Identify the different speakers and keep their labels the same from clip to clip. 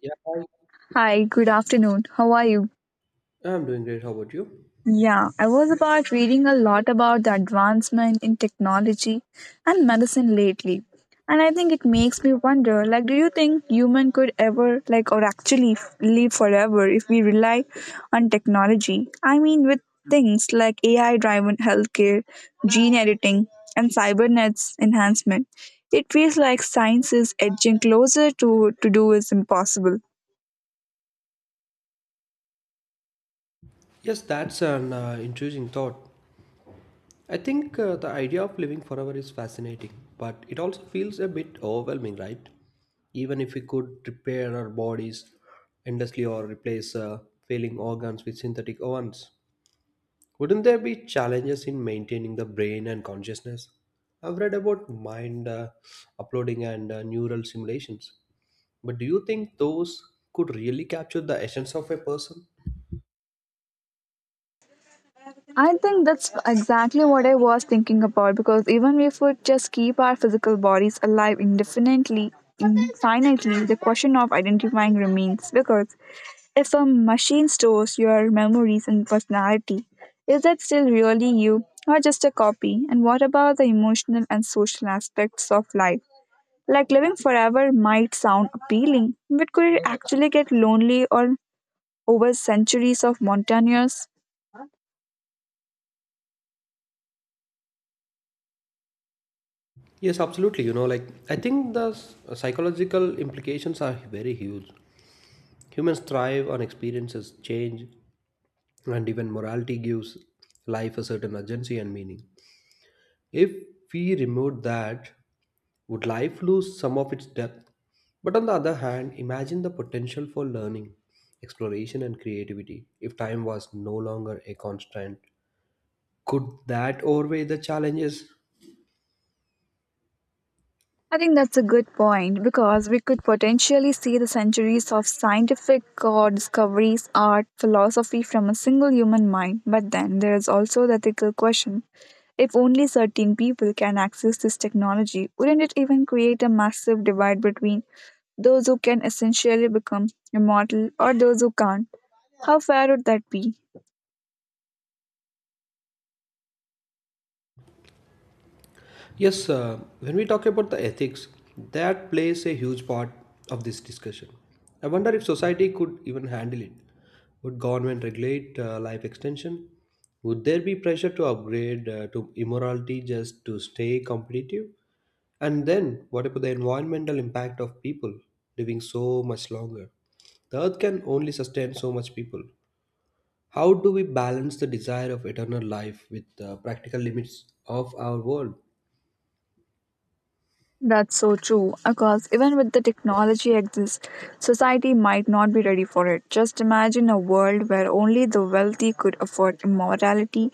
Speaker 1: Yeah, hi.
Speaker 2: Hi, good afternoon. How are you?
Speaker 1: I'm doing great. How about you?
Speaker 2: Yeah, I was about reading a lot about the advancement in technology and medicine lately. And I think it makes me wonder like do you think human could ever like or actually live forever if we rely on technology? I mean with things like AI driven healthcare, gene editing and cybernetics enhancement. It feels like science is edging closer to do is impossible.
Speaker 1: Yes, that's an intriguing thought. I think the idea of living forever is fascinating, but it also feels a bit overwhelming, right? Even if we could repair our bodies endlessly or replace failing organs with synthetic ones, wouldn't there be challenges in maintaining the brain and consciousness? I've read about mind uploading and neural simulations, but do you think those could really capture the essence of a person?
Speaker 2: I think that's exactly what I was thinking about because even if we just keep our physical bodies alive indefinitely, infinitely, the question of identifying remains. Because if a machine stores your memories and personality, is that still really you or just a copy? And what about the emotional and social aspects of life? Like living forever might sound appealing, but could it actually get lonely or over centuries of montagnous?
Speaker 1: Yes, absolutely. You know, like I think the psychological implications are very huge. Humans thrive on experiences, change, and even morality gives life a certain urgency and meaning. If we removed that, would life lose some of its depth? But on the other hand, imagine the potential for learning, exploration, and creativity. If time was no longer a constant, could that outweigh the challenges?
Speaker 2: I think that's a good point because we could potentially see the centuries of scientific discoveries, art, philosophy from a single human mind. But then there is also the ethical question. If only certain people can access this technology, wouldn't it even create a massive divide between those who can essentially become immortal or those who can't? How fair would that be?
Speaker 1: Yes, when we talk about the ethics, that plays a huge part of this discussion. I wonder if society could even handle it. Would government regulate life extension? Would there be pressure to upgrade to immorality just to stay competitive? And then, what about the environmental impact of people living so much longer? The earth can only sustain so much people. How do we balance the desire of eternal life with the practical limits of our world?
Speaker 2: That's so true. Because even with the technology exists, society might not be ready for it. Just imagine a world where only the wealthy could afford immortality.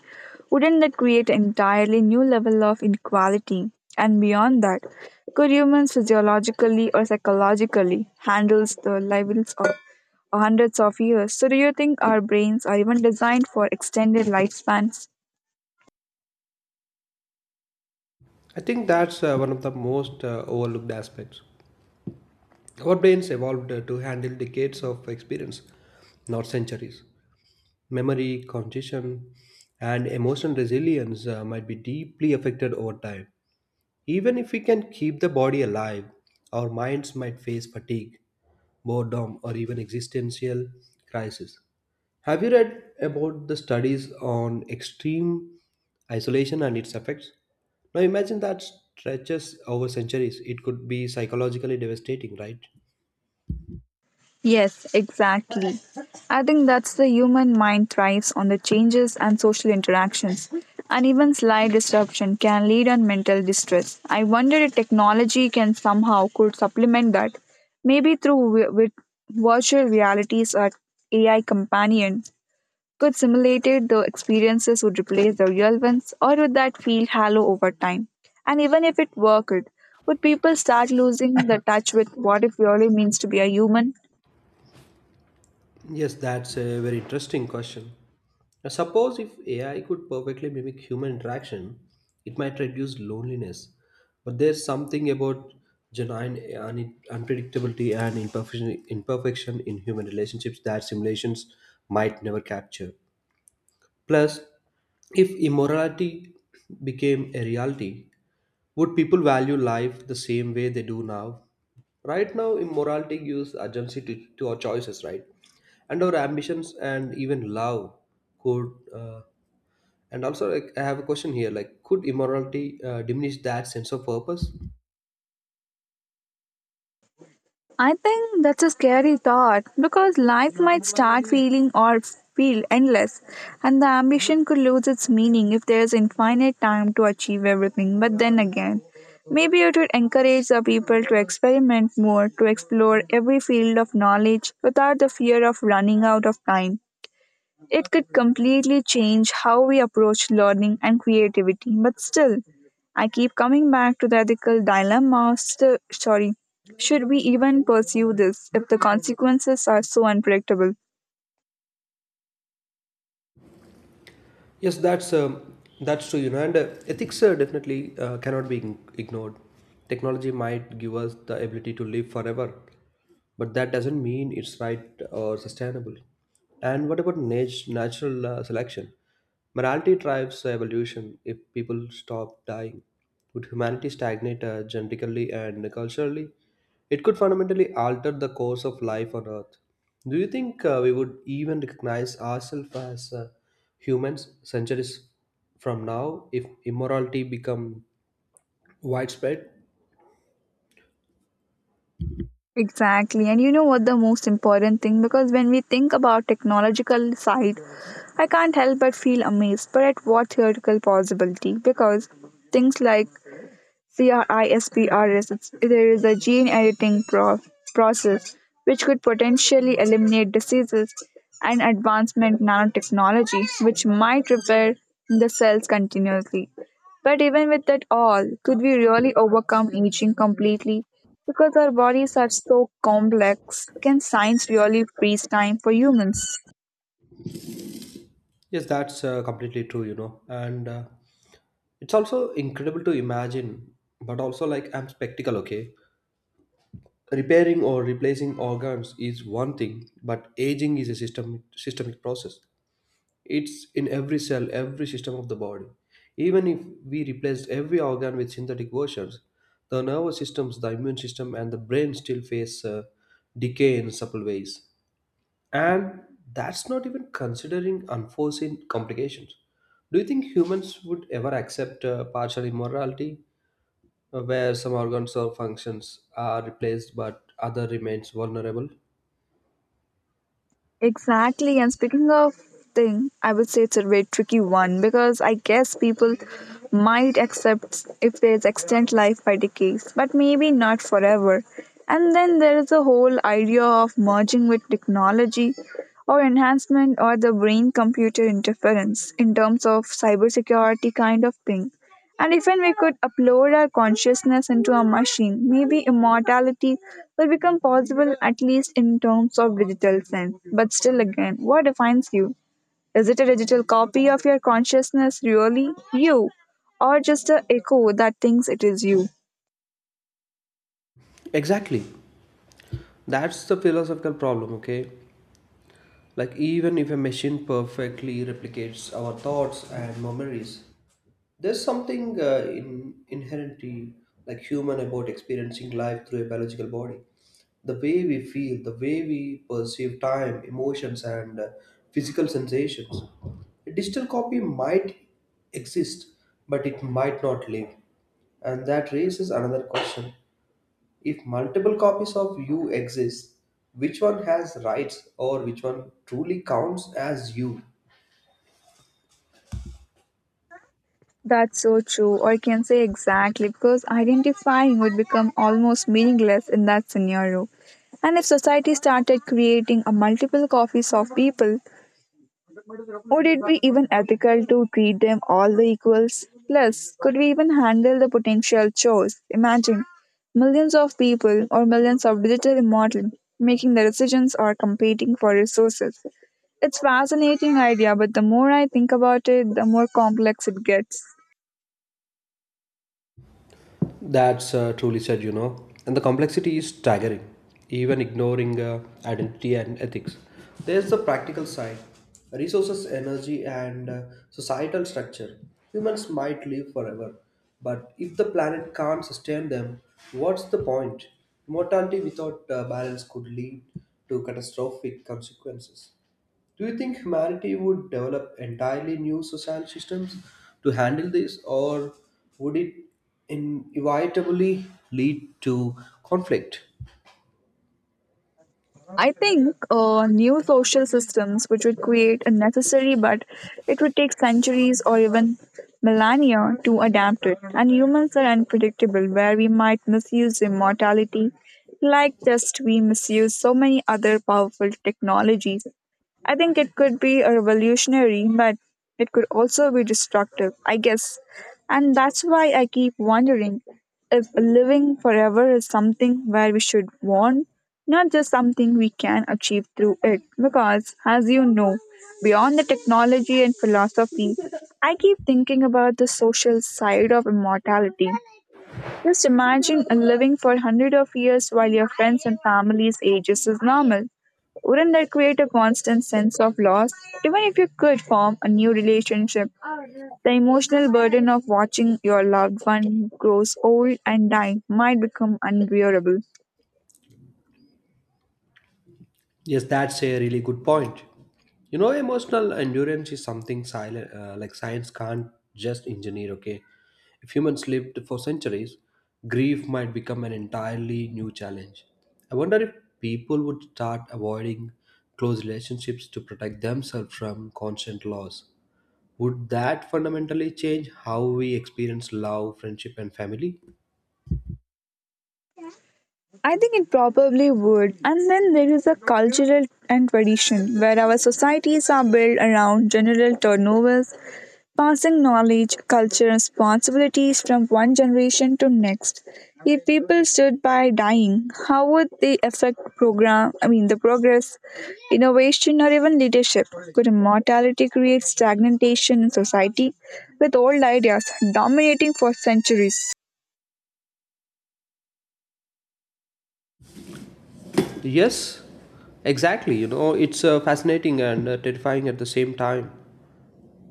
Speaker 2: Wouldn't that create an entirely new level of inequality? And beyond that, could humans physiologically or psychologically handle the levels of hundreds of years? So do you think our brains are even designed for extended lifespans?
Speaker 1: I think that's one of the most overlooked aspects. Our brains evolved to handle decades of experience, not centuries. Memory, cognition, and emotional resilience might be deeply affected over time. Even if we can keep the body alive, our minds might face fatigue, boredom, or even existential crisis. Have you read about the studies on extreme isolation and its effects? Now imagine that stretches over centuries. It could be psychologically devastating, right?
Speaker 2: Yes, exactly. I think that's the human mind thrives on the changes and social interactions. And even slight disruption can lead on mental distress. I wonder if technology can somehow could supplement that, maybe through with virtual realities or AI companion could simulate it, the experiences would replace the real ones, or would that feel hollow over time? And even if it worked, would people start losing the touch with what it really means to be a human?
Speaker 1: Yes, that's a very interesting question. Now, suppose if AI could perfectly mimic human interaction, it might reduce loneliness. But there's something about genuine unpredictability and imperfection, imperfection in human relationships that simulations might never capture. Plus, if immorality became a reality, would people value life the same way they do now? Right now, immorality gives agency to our choices, right? And our ambitions and even love could. And also, like, I have a question here: like, could immorality diminish that sense of purpose?
Speaker 2: I think that's a scary thought because life might start feeling or feel endless, and the ambition could lose its meaning if there's infinite time to achieve everything. But then again, maybe it would encourage the people to experiment more, to explore every field of knowledge without the fear of running out of time. It could completely change how we approach learning and creativity. But still, I keep coming back to the ethical dilemma of sorry, should we even pursue this if the consequences are so unpredictable?
Speaker 1: Yes, that's true. You know, and ethics definitely cannot be ignored. Technology might give us the ability to live forever, but that doesn't mean it's right or sustainable. And what about natural selection? Morality drives evolution. If people stop dying, would humanity stagnate genetically and culturally? It could fundamentally alter the course of life on Earth. Do you think we would even recognize ourselves as humans centuries from now if immorality become widespread?
Speaker 2: Exactly. And you know what the most important thing because when we think about technological side, I can't help but feel amazed but at what theoretical possibility because things like CRISPR is there is a gene editing process which could potentially eliminate diseases and advancement nanotechnology which might repair the cells continuously. But even with that all, could we really overcome aging completely? Because our bodies are so complex, can science really freeze time for humans?
Speaker 1: Yes, that's completely true, you know. And It's also incredible to imagine, but also like I'm spectacle, okay? Repairing or replacing organs is one thing, but aging is a system systemic process. It's in every cell, every system of the body. Even if we replaced every organ with synthetic versions, the nervous systems, the immune system, and the brain still face decay in subtle ways. And that's not even considering unforeseen complications. Do you think humans would ever accept partial immortality, where some organs or functions are replaced but other remains vulnerable?
Speaker 2: Exactly. And speaking of thing, I would say it's a very tricky one because I guess people might accept if there's extend life by decades, but maybe not forever. And then there is the whole idea of merging with technology or enhancement or the brain computer interference in terms of cybersecurity kind of thing. And if and we could upload our consciousness into a machine, maybe immortality will become possible at least in terms of digital sense. But still again, what defines you? Is it a digital copy of your consciousness really you? Or just a echo that thinks it is you?
Speaker 1: Exactly, that's the philosophical problem, okay? Like even if a machine perfectly replicates our thoughts and memories, there's something inherently like human about experiencing life through a biological body. The way we feel, the way we perceive time, emotions, and physical sensations. A digital copy might exist, but it might not live. And that raises another question. If multiple copies of you exist, which one has rights or which one truly counts as you?
Speaker 2: That's so true, or you can say exactly, because identifying would become almost meaningless in that scenario. And if society started creating a multiple copies of people, would it be even ethical to treat them all the equals? Plus, could we even handle the potential chores? Imagine millions of people or millions of digital immortal making the decisions or competing for resources. It's fascinating idea, but the more I think about it, the more complex it gets.
Speaker 1: That's truly said, you know. And the complexity is staggering, even ignoring identity and ethics. There's the practical side: resources, energy, and societal structure. Humans might live forever, but if the planet can't sustain them, what's the point? Mortality without balance could lead to catastrophic consequences. Do you think humanity would develop entirely new social systems to handle this, or would it inevitably lead to conflict?
Speaker 2: I think new social systems, which would create a necessary, but it would take centuries or even millennia to adapt it. And humans are unpredictable, where we might misuse immortality, like just we misuse so many other powerful technologies. I think it could be a revolutionary, but it could also be destructive, I guess. And that's why I keep wondering if living forever is something where we should want, not just something we can achieve through it. Because, as you know, beyond the technology and philosophy, I keep thinking about the social side of immortality. Just imagine living for hundreds of years while your friends and family's ages is normal. Wouldn't that create a constant sense of loss? Even if you could form a new relationship, the emotional burden of watching your loved one grows old and die might become unbearable.
Speaker 1: Yes, that's a really good point. You know, emotional endurance is something silent, like science can't just engineer. Okay, if humans lived for centuries, grief might become an entirely new challenge. I wonder if people would start avoiding close relationships to protect themselves from constant loss. Would that fundamentally change how we experience love, friendship, and family?
Speaker 2: I think it probably would. And then there is a cultural and tradition where our societies are built around general turnovers passing knowledge, culture, and responsibilities from one generation to next. If people stood by dying, how would they affect program? I mean, the progress, innovation, or even leadership? Could immortality create stagnation in society, with old ideas dominating for centuries?
Speaker 1: Yes, exactly. You know, it's fascinating and terrifying at the same time.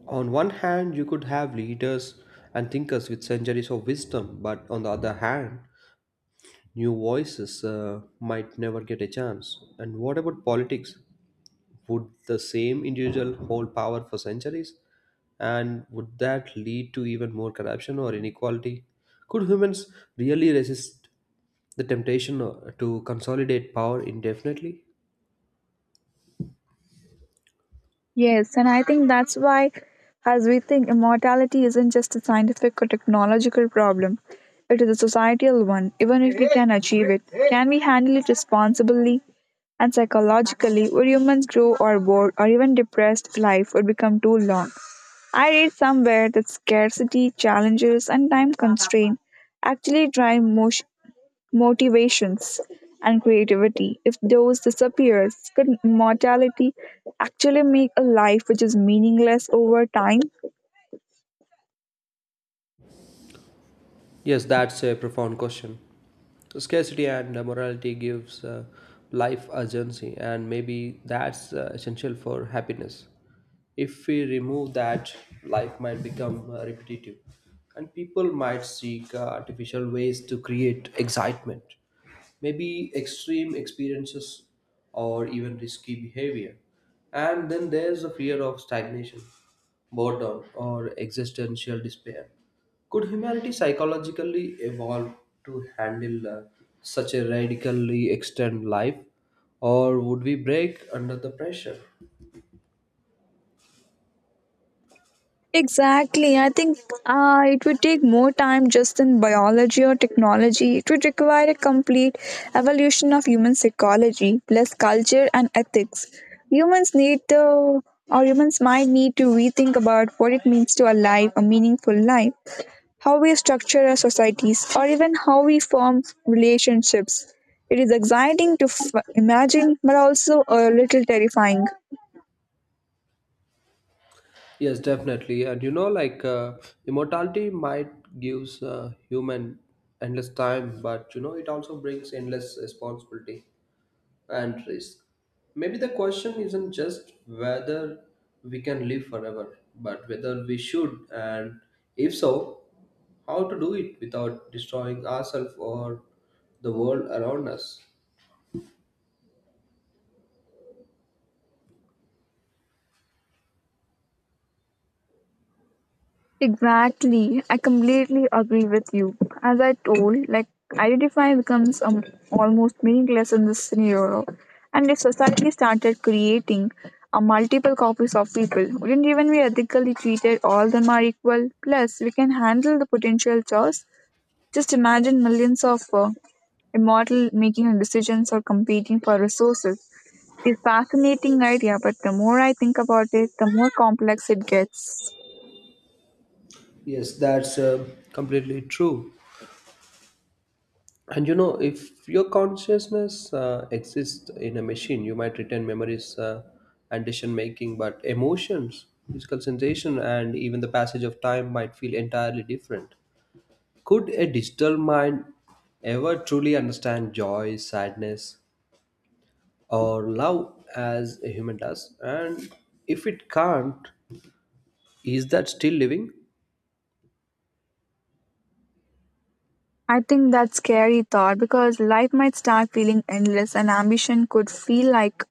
Speaker 1: On one hand, you could have leaders and thinkers with centuries of wisdom, but on the other hand, new voices might never get a chance. And what about politics? Would the same individual hold power for centuries? And would that lead to even more corruption or inequality? Could humans really resist the temptation to consolidate power indefinitely?
Speaker 2: Yes, and I think that's why, as we think, immortality isn't just a scientific or technological problem, it is a societal one. Even if we can achieve it, can we handle it responsibly and psychologically? Would humans grow or bored or even depressed life would become too long? I read somewhere that scarcity, challenges, and time constraint actually drive motivations and creativity. If those disappears, could mortality actually make a life which is meaningless over time?
Speaker 1: Yes, that's a profound question. Scarcity and morality gives life urgency, and maybe that's essential for happiness. If we remove that, life might become repetitive, and people might seek artificial ways to create excitement, maybe extreme experiences or even risky behavior. And then there's the fear of stagnation, boredom, or existential despair. Could humanity psychologically evolve to handle such a radically extended life? Or would we break under the pressure?
Speaker 2: Exactly. I think it would take more time just in biology or technology. It would require a complete evolution of human psychology, plus culture and ethics. Humans need to, or humans might need to rethink about what it means to a life, a meaningful life. How we structure our societies, or even how we form relationships. It is exciting to imagine, but also a little terrifying.
Speaker 1: Yes, definitely. And you know, like immortality might gives human endless time, but you know, it also brings endless responsibility and risk. Maybe the question isn't just whether we can live forever, but whether we should, and if so, how to do it without destroying ourselves or the world around us.
Speaker 2: Exactly. I completely agree with you. As I told, like identify becomes almost meaningless in this scenario. And if society started creating a multiple copies of people, wouldn't even we ethically treated all them are equal? Plus, we can handle the potential chaos. Just imagine millions of immortal making decisions or competing for resources. It's a fascinating idea, but the more I think about it, the more complex it gets.
Speaker 1: Yes, that's completely true. And you know, if your consciousness exists in a machine, you might retain memories and decision making, but emotions, physical sensation, and even the passage of time might feel entirely different. Could a digital mind ever truly understand joy, sadness, or love as a human does? And if it can't, is that still living?
Speaker 2: I think that's scary thought because life might start feeling endless and ambition could feel like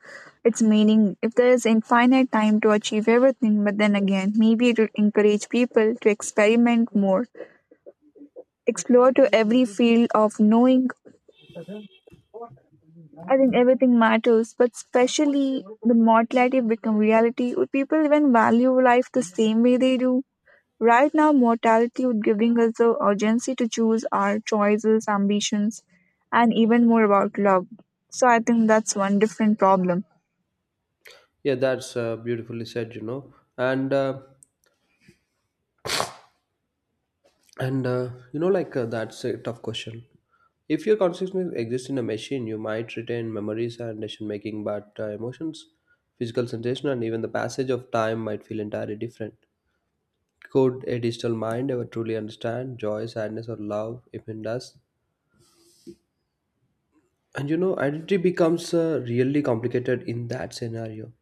Speaker 2: its meaning if there is infinite time to achieve everything, but then again, maybe it would encourage people to experiment more, explore to every field of knowing. I think everything matters, but especially the mortality become reality. Would people even value life the same way they do? Right now, mortality would giving us the urgency to choose our choices, ambitions, and even more about love. So I think that's one different problem.
Speaker 1: Yeah, that's beautifully said. You know, and that's a tough question. If your consciousness exists in a machine, you might retain memories and decision making, but emotions, physical sensation, and even the passage of time might feel entirely different. Could a digital mind ever truly understand joy, sadness, or love if it does? And you know, identity becomes really complicated in that scenario.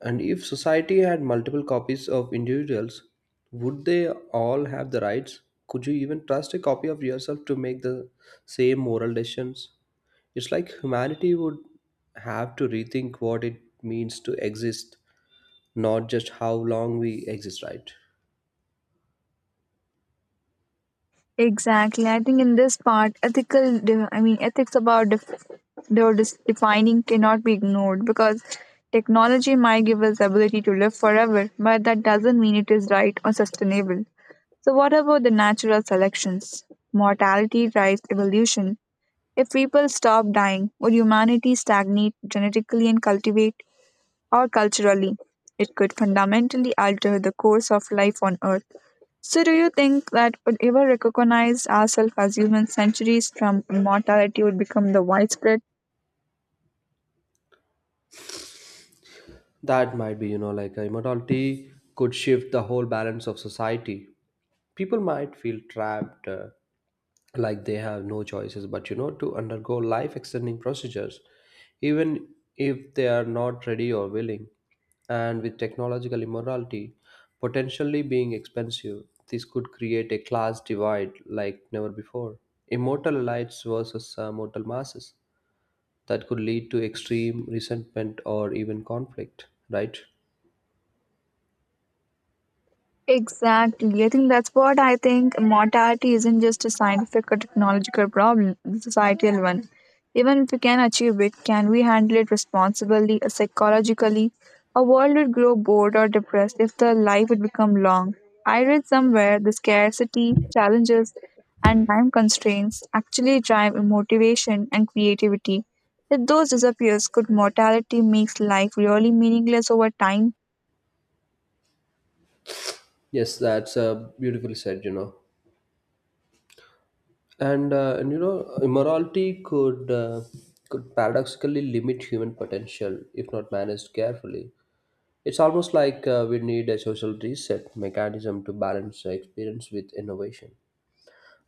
Speaker 1: And if society had multiple copies of individuals, would they all have the rights? Could you even trust a copy of yourself to make the same moral decisions? It's like humanity would have to rethink what it means to exist, not just how long we exist, right?
Speaker 2: Exactly. I think in this part, ethical, I mean, ethics about though this defining cannot be ignored because technology might give us the ability to live forever, but that doesn't mean it is right or sustainable. So, what about the natural selections? Mortality drives evolution. If people stop dying, would humanity stagnate genetically and cultivate or culturally? It could fundamentally alter the course of life on Earth. So, do you think that would ever recognize ourselves as human centuries from immortality would become the widespread?
Speaker 1: That might be, you know, like immortality could shift the whole balance of society. People might feel trapped, like they have no choices, but you know, to undergo life extending procedures, even if they are not ready or willing. And with technological immortality potentially being expensive, this could create a class divide like never before. Immortal elites versus mortal masses that could lead to extreme resentment or even conflict, right?
Speaker 2: Exactly. I think that's what I think mortality isn't just a scientific or technological problem, it's a societal one. Even if we can achieve it, can we handle it responsibly or psychologically? A world would grow bored or depressed if the life would become long. I read somewhere the scarcity, challenges, and time constraints actually drive motivation and creativity. If those disappears, could mortality makes life really meaningless over time?
Speaker 1: Yes, that's a beautiful said, you know. And you know, immorality could paradoxically limit human potential if not managed carefully. It's almost like we need a social reset mechanism to balance experience with innovation.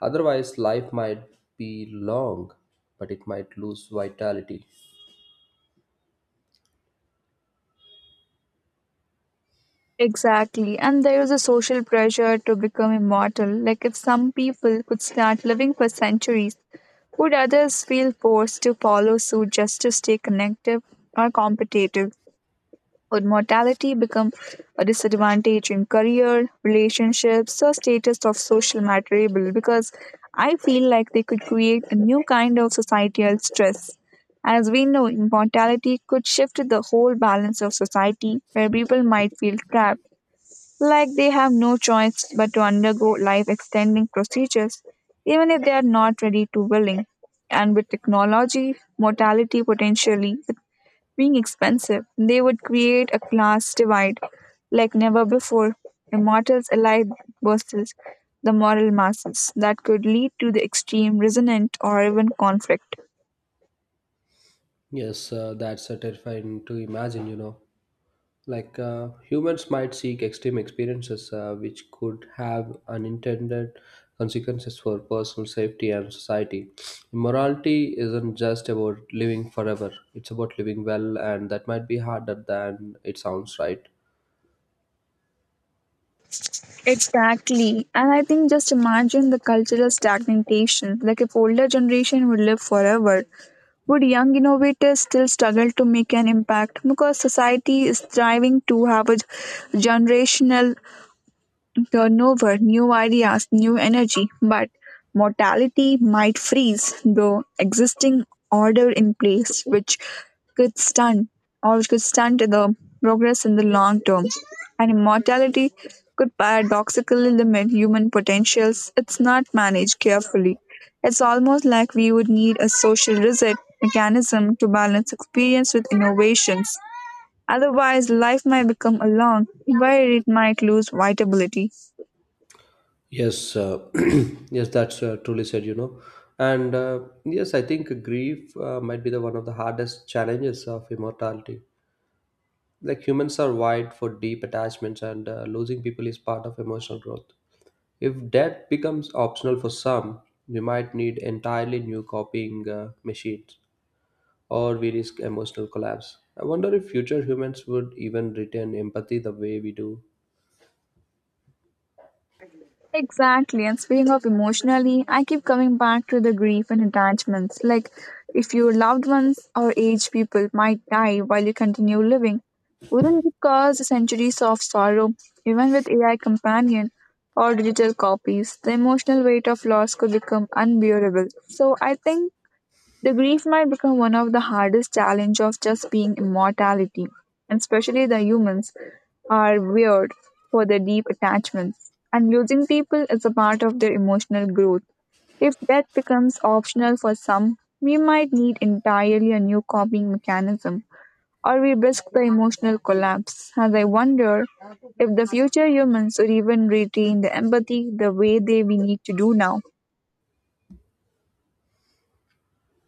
Speaker 1: Otherwise, life might be long, but it might lose vitality.
Speaker 2: Exactly. And there is a social pressure to become immortal. Like if some people could start living for centuries, would others feel forced to follow suit just to stay connected or competitive? Would mortality become a disadvantage in career, relationships, or status of social material? Because I feel like they could create a new kind of societal stress. As we know, immortality could shift the whole balance of society where people might feel trapped like they have no choice but to undergo life extending procedures, even if they are not ready to willing. And with technology, mortality potentially being expensive, they would create a class divide like never before. Immortals alike versus the moral masses that could lead to the extreme resentment or even conflict.
Speaker 1: Yes, that's terrifying to imagine, you know. Humans might seek extreme experiences which could have unintended consequences for personal safety and society. Morality isn't just about living forever, it's about living well, and that might be harder than it sounds, right?
Speaker 2: Exactly. And I think just imagine the cultural stagnation. Like if older generation would live forever, would young innovators still struggle to make an impact? Because society is striving to have a generational turnover, new ideas, new energy, but mortality might freeze the existing order in place, which could stunt or which could stunt the progress in the long term. And immortality could paradoxically limit human potentials. It's not managed carefully. It's almost like we would need a social reset mechanism to balance experience with innovations. Otherwise, life might become a long, where it might lose vitality.
Speaker 1: Yes, yes, that's truly said, you know. And Yes, I think grief might be the one of the hardest challenges of immortality. Like humans are wired for deep attachments, and losing people is part of emotional growth. If that becomes optional for some, we might need entirely new copying machines, or we risk emotional collapse. I wonder if future humans would even retain empathy the way we do.
Speaker 2: Exactly. And speaking of emotionally, I keep coming back to the grief and attachments. Like, if your loved ones or aged people might die while you continue living, wouldn't it cause centuries of sorrow? Even with AI companion or digital copies, the emotional weight of loss could become unbearable. So, I think the grief might become one of the hardest challenge of just being immortality, and especially the humans are weird for their deep attachments. And losing people is a part of their emotional growth. If death becomes optional for some, we might need entirely a new coping mechanism, or we risk the emotional collapse. As I wonder if the future humans would even retain the empathy the way they we need to do now.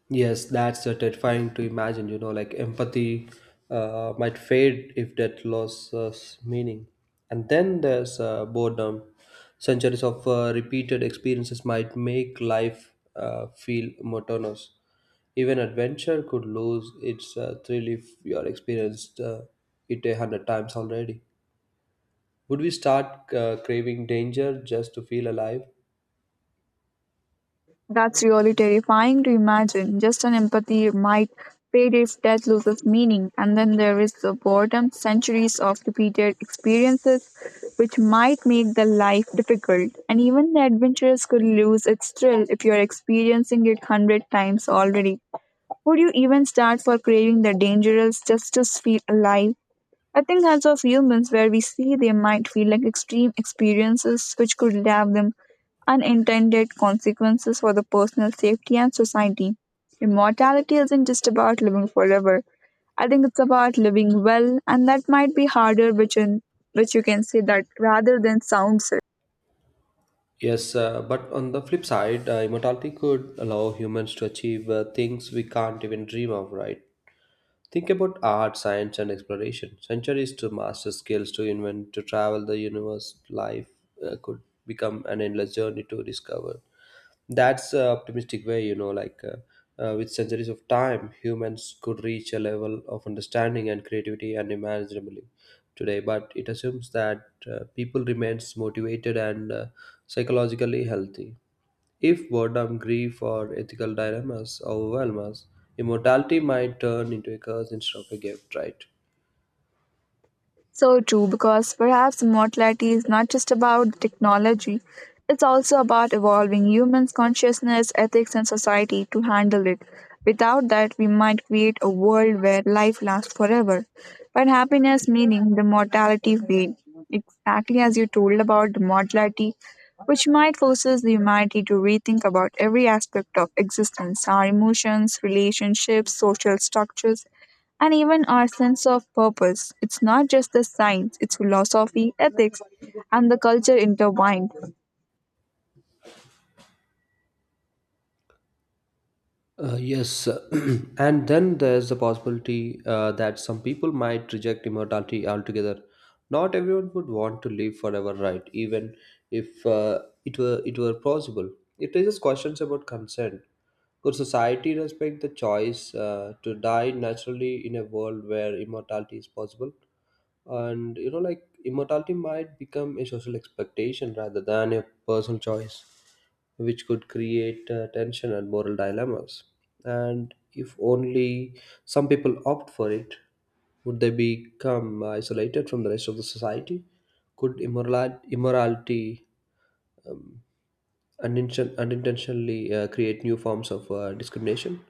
Speaker 1: Yes, that's terrifying to imagine. You know, like empathy might fade if that loses meaning. And then there's boredom. Centuries of repeated experiences might make life feel monotonous. Even adventure could lose its thrill if you are experienced it a hundred times already. Would we start craving danger just to feel alive?
Speaker 2: That's really terrifying to imagine. Just an empathy might fade if death loses meaning, and then there is the boredom, centuries of repeated experiences, which might make the life difficult. And even the adventures could lose its thrill if you're experiencing it hundred times already. Would you even start for craving the dangerous just to feel alive? I think as of humans, where we see they might feel like extreme experiences which could have them unintended consequences for the personal safety and society. Immortality isn't just about living forever. I think it's about living well, and that might be harder, which you can say that rather than sounds.
Speaker 1: Yes, but on the flip side, immortality could allow humans to achieve things we can't even dream of, right? Think about art, science, and exploration. Centuries to master skills, to invent, to travel the universe. Life could become an endless journey to discover. That's a optimistic way, you know, like with centuries of time, humans could reach a level of understanding and creativity unimaginably today. But it assumes that people remains motivated and psychologically healthy. If boredom, grief, or ethical dilemmas overwhelm us, immortality might turn into a curse instead of a gift, right?
Speaker 2: So true, because perhaps mortality is not just about the technology, it's also about evolving humans' consciousness, ethics, and society to handle it. Without that, we might create a world where life lasts forever. But happiness, meaning the mortality fade, exactly as you told about the mortality, which might forces the humanity to rethink about every aspect of existence, our emotions, relationships, social structures, and even our sense of purpose. It's not just the science, it's philosophy, ethics, and the culture intertwined.
Speaker 1: Yes, and then there's the possibility that some people might reject immortality altogether. Not everyone would want to live forever, right? Even if it were possible, it raises questions about consent. Could society respect the choice to die naturally in a world where immortality is possible? And you know, like immortality might become a social expectation rather than a personal choice which could create tension and moral dilemmas. And if only some people opt for it, would they become isolated from the rest of the society? Could immorality um, unintentionally create new forms of discrimination?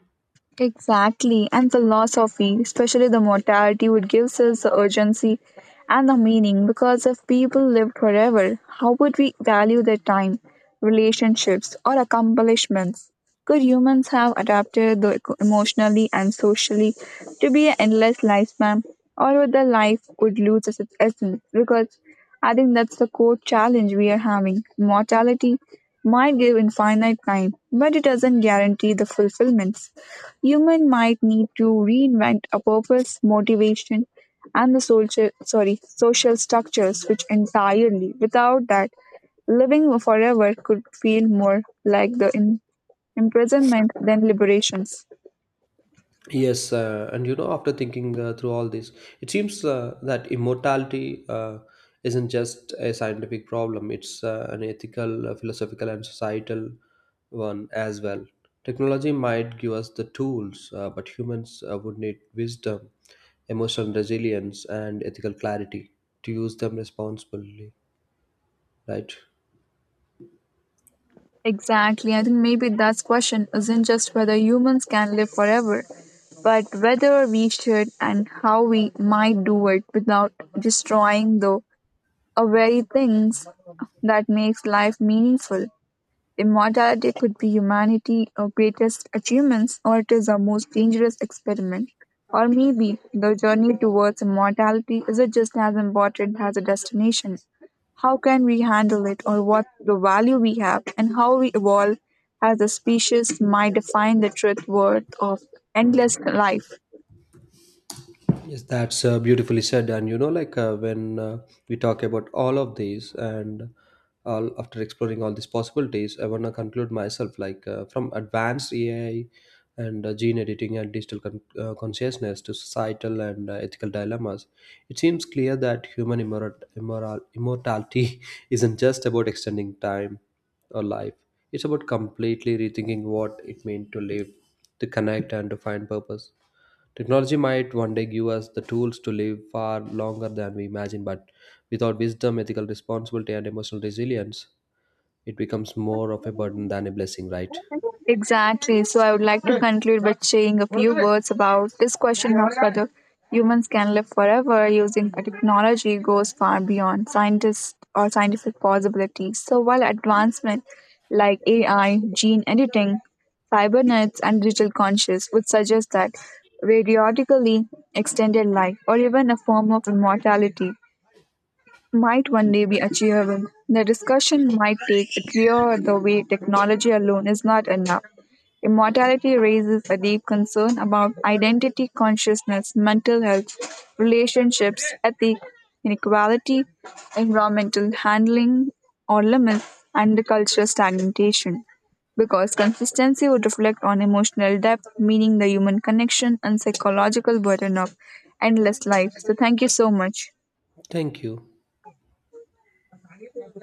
Speaker 2: Exactly, and philosophy, especially the mortality, would give us the urgency and the meaning because if people lived forever, how would we value their time, relationships, or accomplishments? Could humans have adapted the emotionally and socially to be an endless lifespan, or would the life would lose its essence? Because I think that's the core challenge we are having. Mortality might give infinite time, but it doesn't guarantee the fulfillments. Human might need to reinvent a purpose, motivation, and the social structures which entirely without that living forever could feel more like the imprisonment than liberations.
Speaker 1: Yes, and you know, after thinking through all this, it seems that immortality isn't just a scientific problem, it's an ethical, philosophical, and societal one as well. Technology might give us the tools, but humans would need wisdom, emotional resilience, and ethical clarity to use them responsibly, right?
Speaker 2: Exactly. I think maybe that's question isn't just whether humans can live forever, but whether we should and how we might do it without destroying the very things that makes life meaningful. Immortality could be humanity's greatest achievements, or it is our most dangerous experiment. Or maybe the journey towards immortality is just as important as the destination. How can we handle it, or what the value we have, and how we evolve as a species might define the truth worth of endless life.
Speaker 1: Yes, that's beautifully said. And you know, when we talk about all of these, and all after exploring all these possibilities, I want to conclude myself like from advanced AI and gene editing and digital consciousness to societal and ethical dilemmas, it seems clear that human immortality isn't just about extending time or life, it's about completely rethinking what it means to live, to connect, and to find purpose. Technology might one day give us the tools to live far longer than we imagine, but without wisdom, ethical responsibility, and emotional resilience, it becomes more of a burden than a blessing, right?
Speaker 2: Exactly. So I would like to conclude by saying a few words about this question of whether humans can live forever using a technology goes far beyond scientists or scientific possibilities. So while advancement like AI, gene editing, cybernetics, and digital conscious would suggest that periodically extended life or even a form of immortality might one day be achievable. The discussion might take clear the way technology alone is not enough. Immortality raises a deep concern about identity, consciousness, mental health, relationships, ethics, inequality, environmental handling or limits, and cultural stagnation. Because consistency would reflect on emotional depth, meaning the human connection and psychological burden of endless life. So, thank you so much.
Speaker 1: Thank you.